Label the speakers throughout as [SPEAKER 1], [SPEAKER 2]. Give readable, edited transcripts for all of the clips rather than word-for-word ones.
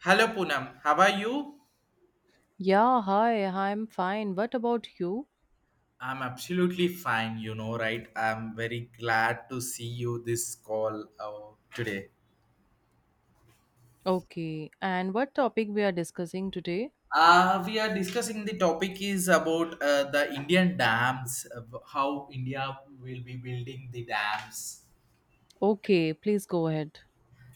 [SPEAKER 1] Hello Poonam, how are you?
[SPEAKER 2] Yeah, hi, I'm fine. What about you?
[SPEAKER 1] I'm absolutely fine, you know, right? I'm very glad to see you this call today.
[SPEAKER 2] Okay, and what topic we are discussing today?
[SPEAKER 1] We are discussing the topic is about the Indian dams, how India will be building the dams.
[SPEAKER 2] Okay, please go ahead.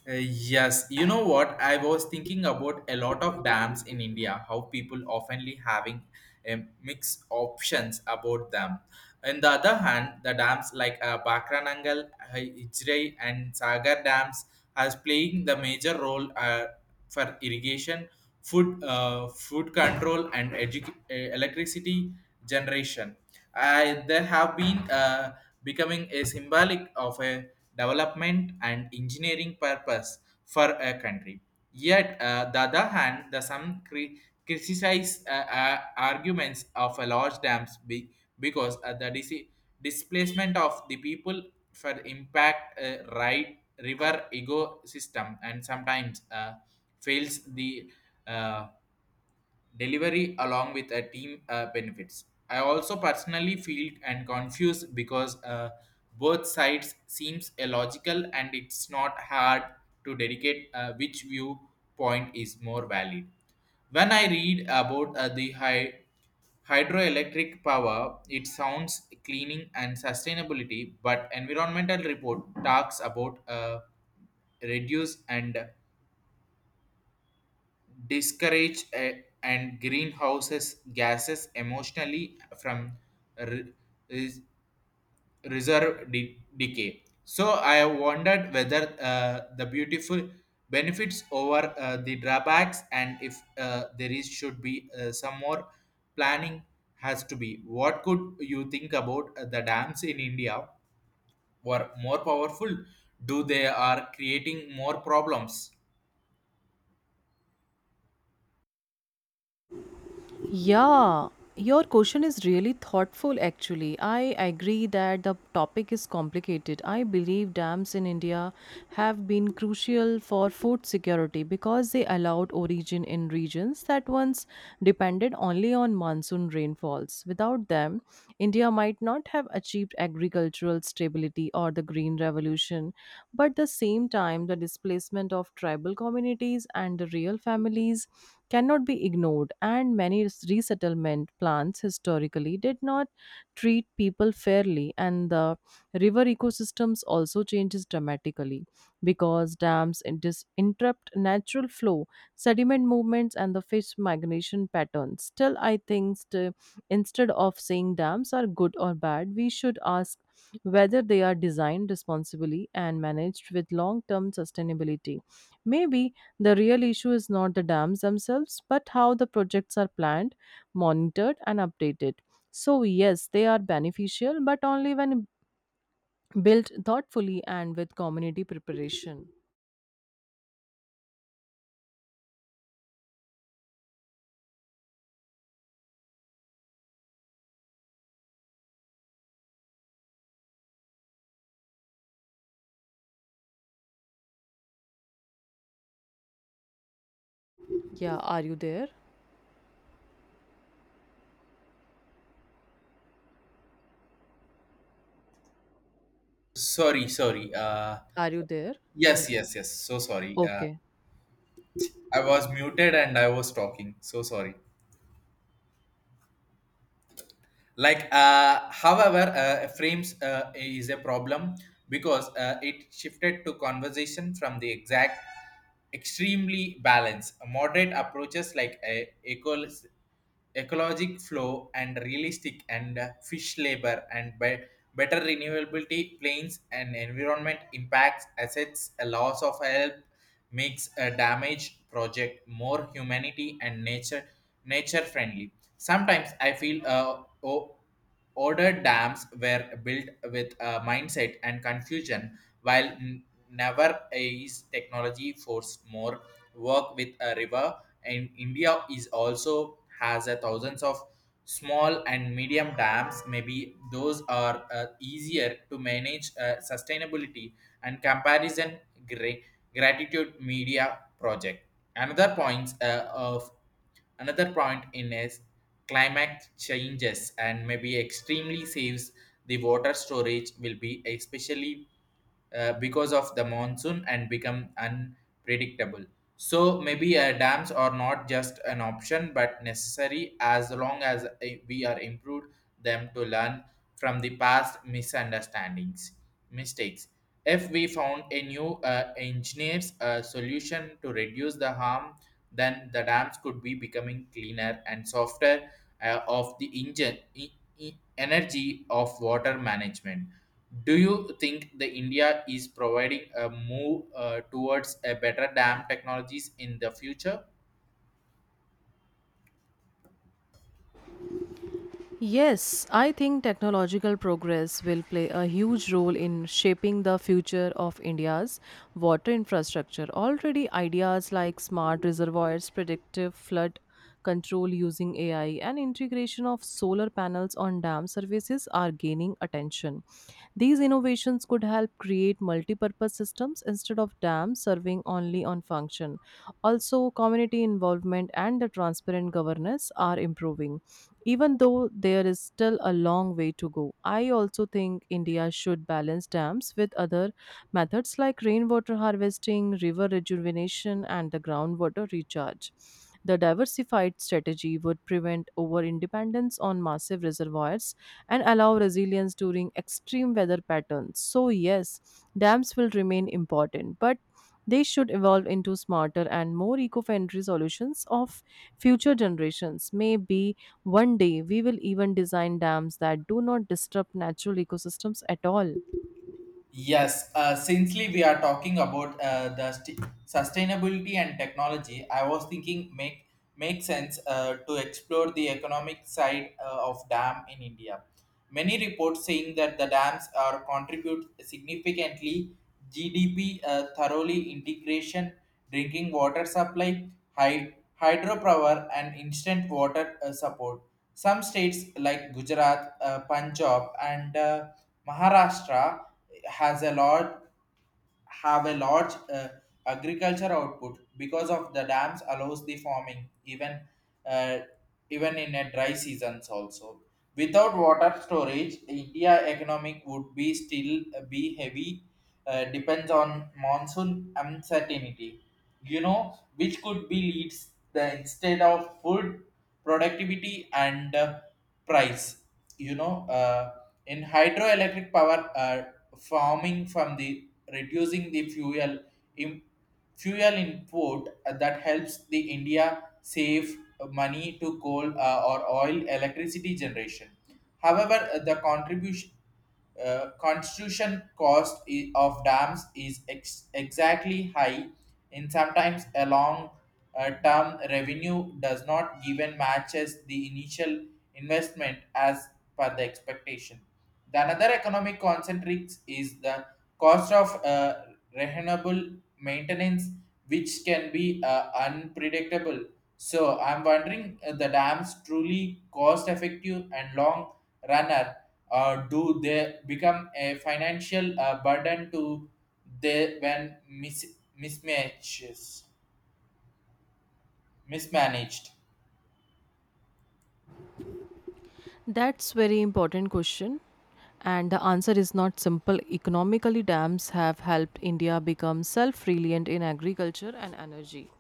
[SPEAKER 1] Yes, you know what? I was thinking about a lot of dams in India, how people oftenly having mixed options about them. On the other hand, the dams like Bakranangal, Ijrai, and Sagar dams has playing the major role for irrigation, food, food control, and electricity generation. I, there have been becoming a symbolic of a development and engineering purpose for a country. Yet, the other hand, the some criticize arguments of a large dams because the displacement of the people for impact right river ecosystem and sometimes fails the uh, delivery along with a team benefits. I also personally feel and confused because both sides seems illogical and it's not hard to dedicate which viewpoint is more valid. When I read about the high hydroelectric power, it sounds cleaning and sustainability, but environmental report talks about reduce and discourage and greenhouses gases emotionally from re- res- reserve decay. So I wondered whether the beautiful benefits over the drawbacks and if there is should be some more planning has to be. What could you think about the dams in India were more powerful? Do they are creating more problems?
[SPEAKER 2] Yeah, your question is really thoughtful actually. I agree that the topic is complicated. I believe dams in India have been crucial for food security because they allowed origin in regions that once depended only on monsoon rainfalls. Without them, India might not have achieved agricultural stability or the green revolution. But at the same time, the displacement of tribal communities and the real families cannot be ignored, and many resettlement plans historically did not treat people fairly, and the river ecosystems also changes dramatically because interrupt natural flow, sediment movements, and the fish migration patterns. Still, instead of saying dams are good or bad, we should ask whether they are designed responsibly and managed with long term sustainability. Maybe the real issue is not the dams themselves, but how the projects are planned, monitored, and updated. So, yes, they are beneficial, but only when built thoughtfully and with community preparation. Yeah, are you there?
[SPEAKER 1] Sorry, sorry.
[SPEAKER 2] Are you there?
[SPEAKER 1] Yes, yes,
[SPEAKER 2] Yes.
[SPEAKER 1] yes. So sorry.
[SPEAKER 2] Okay.
[SPEAKER 1] I was muted and I was talking. So sorry. Like however frames is a problem because it shifted to conversation from the exact extremely balance moderate approaches like a ecologic flow and realistic and fish labor and better renewability planes and environment impacts assets a loss of help makes a damage project more humanity and nature friendly. Sometimes I feel older dams were built with a mindset and confusion, while never is technology forced more work with a river. And India is also has a thousands of small and medium dams. Maybe those are easier to manage sustainability and comparison. Gra- Gratitude media project. Another points uh, of Another point in is climate changes and maybe extremely saves the water storage will be especially because of the monsoon and become unpredictable. So maybe dams are not just an option but necessary as long as we are improved them to learn from the past misunderstandings, mistakes. If we found a new engineer's solution to reduce the harm, then the dams could be becoming cleaner and softer of the engine, energy of water management. Do you think the India is providing a move towards a better dam technologies in the future?
[SPEAKER 2] Yes, I think technological progress will play a huge role in shaping the future of India's water infrastructure. Already, ideas like smart reservoirs, predictive flood control using AI, and integration of solar panels on dam surfaces are gaining attention. These innovations could help create multi-purpose systems instead of dams serving only on function. Also, community involvement and the transparent governance are improving. Even though there is still a long way to go, I also think India should balance dams with other methods like rainwater harvesting, river rejuvenation, and the groundwater recharge. The diversified strategy would prevent over independence on massive reservoirs and allow resilience during extreme weather patterns. So, yes, dams will remain important, but they should evolve into smarter and more eco-friendly solutions of future generations. Maybe one day we will even design dams that do not disrupt natural ecosystems at all.
[SPEAKER 1] Yes, sincerely, we are talking about the sustainability and technology. I was thinking make sense to explore the economic side of dam in India. Many reports saying that the dams are contribute significantly GDP thoroughly integration, drinking water supply, hy- hydropower, and instant water support. Some states like Gujarat, Punjab, and Maharashtra has a large have a large agriculture output because of the dams allows the farming even uh, even in a dry seasons also. Without water storage, India economic would be still be heavy depends on monsoon uncertainty, you know, which could be leads the instead of food productivity and price, you know, uh, in hydroelectric power farming from the reducing the fuel im- fuel import that helps the India save money to coal or oil electricity generation. However the contribution construction cost of dams is exactly high, and sometimes a long term revenue does not given matches the initial investment as per the expectation. The another economic concentrics is the cost of renewable maintenance, which can be unpredictable. So I'm wondering the dams truly cost effective and long runner, or do they become a financial burden to they when mis- mismatches mismanaged.
[SPEAKER 2] That's very important question and the answer is not simple. Economically dams have helped India become self-reliant in agriculture and energy,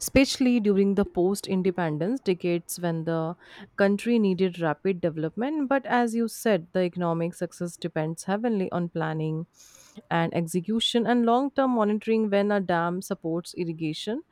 [SPEAKER 2] especially during the post-independence decades when the country needed rapid development, but as you said, the economic success depends heavily on planning and execution and long-term monitoring when a dam supports irrigation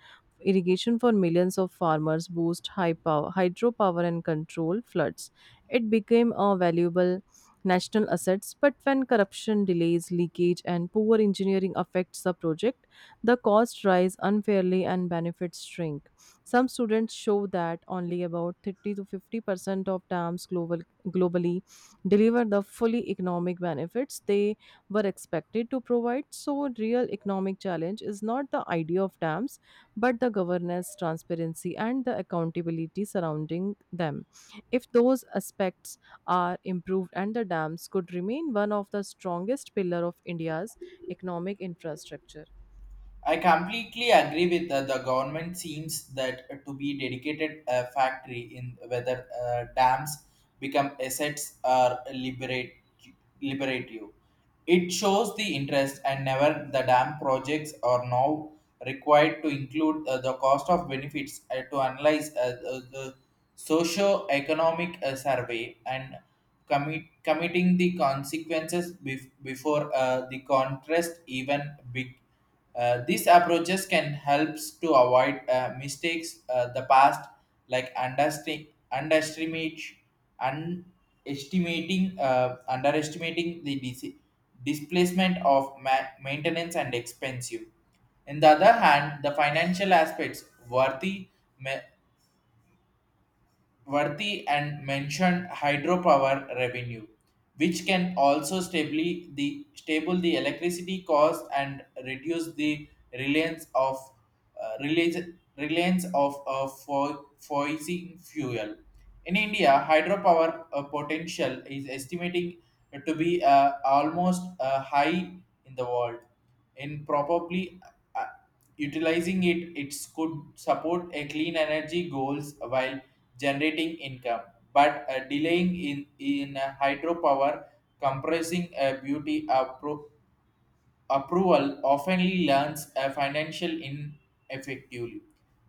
[SPEAKER 2] irrigation for millions of farmers boost high power hydropower and control floods it became a valuable national assets, but when corruption, delays, leakage, and poor engineering affects the project, the costs rise unfairly and benefits shrink. Some students show that only about 30 to 50% of globally deliver the fully economic benefits they were expected to provide. So, real economic challenge is not the idea of dams, but the governance, transparency, and the accountability surrounding them. If those aspects are improved and the dams could remain one of the strongest pillar of India's economic infrastructure.
[SPEAKER 1] I completely agree with the government seems that to be dedicated factory in whether dams become assets or liberate liberative. It shows the interest and never the dam projects are now required to include the cost of benefits to analyze the socio-economic survey and committing the consequences before the contrast even big. These approaches can help to avoid mistakes the past like understi- underestimate underestimating underestimating the displacement of maintenance and expensive. On the other hand, the financial aspects worthy and mentioned hydropower revenue, which can also stably the stable the electricity cost and reduce the reliance of uh, reliance, reliance of fossil fuel. In India, hydropower potential is estimating to be almost high in the world, in probably uh, utilizing it, it could support a clean energy goals while generating income, but delaying in hydropower compressing a beauty approval often learns a financial ineffectively.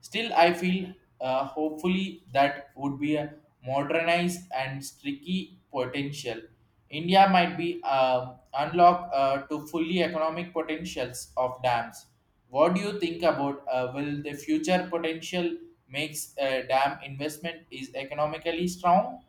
[SPEAKER 1] Still, I feel hopefully that would be a modernized and streaky potential. India might be unlock to fully economic potentials of dams. What do you think about will the future potential makes a dam investment is economically strong?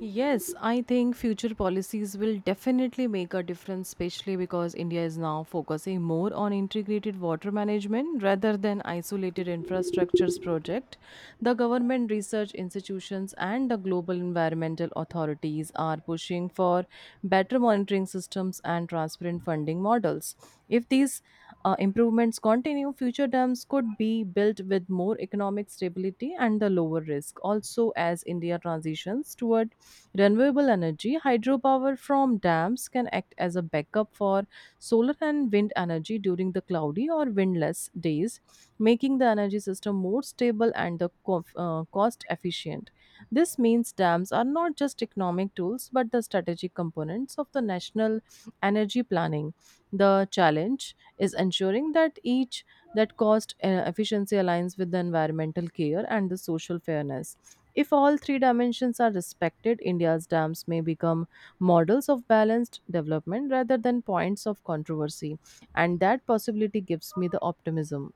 [SPEAKER 2] Yes, I think future policies will definitely make a difference, especially because India is now focusing more on integrated water management rather than isolated infrastructures project. The government research institutions and the global environmental authorities are pushing for better monitoring systems and transparent funding models. If these improvements continue, future dams could be built with more economic stability and the lower risk. Also, as India transitions toward Renewable energy, hydropower from dams can act as a backup for solar and wind energy during the cloudy or windless days, making the energy system more stable and the cost efficient. This means dams are not just economic tools but the strategic components of the national energy planning. The challenge is ensuring that each that cost efficiency aligns with the environmental care and the social fairness. If all three dimensions are respected, India's dams may become models of balanced development rather than points of controversy. And that possibility gives me the optimism.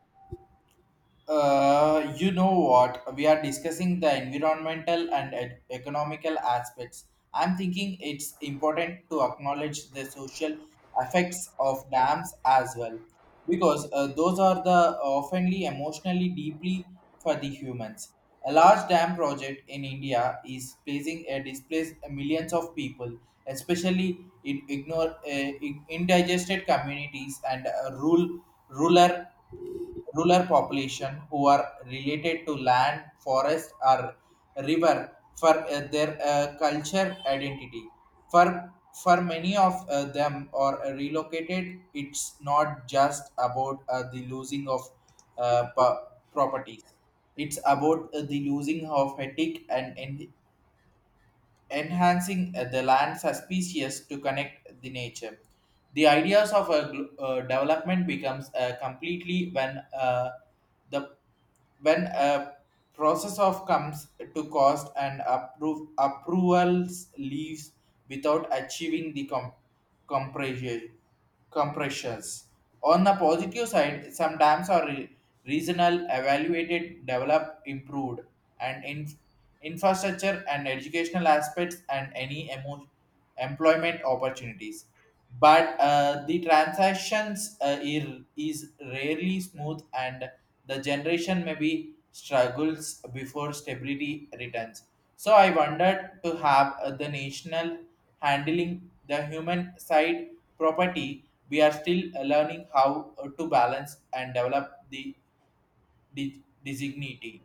[SPEAKER 1] You know what? We are discussing the environmental and economical aspects. I'm thinking it's important to acknowledge the social effects of dams as well, because those are the oftenly emotionally deeply for the humans. A large dam project in India is placing a displaced millions of people, especially in ignore in indigested communities and rural rural population who are related to land, forest, or river for their culture identity. For for many of them are relocated, it's not just about the losing of uh, pro- properties. It's about the losing of ethic and enhancing the land's species to connect the nature. The ideas of a development becomes completely when the when a process of comes to cost and approve approvals leaves without achieving the compression compressions. On the positive side, some dams are regional evaluated developed improved and in infrastructure and educational aspects and any employment opportunities, but the transactions is rarely smooth and the generation maybe struggles before stability returns. So I wondered to have the national handling the human side property. We are still learning how to balance and develop the designity.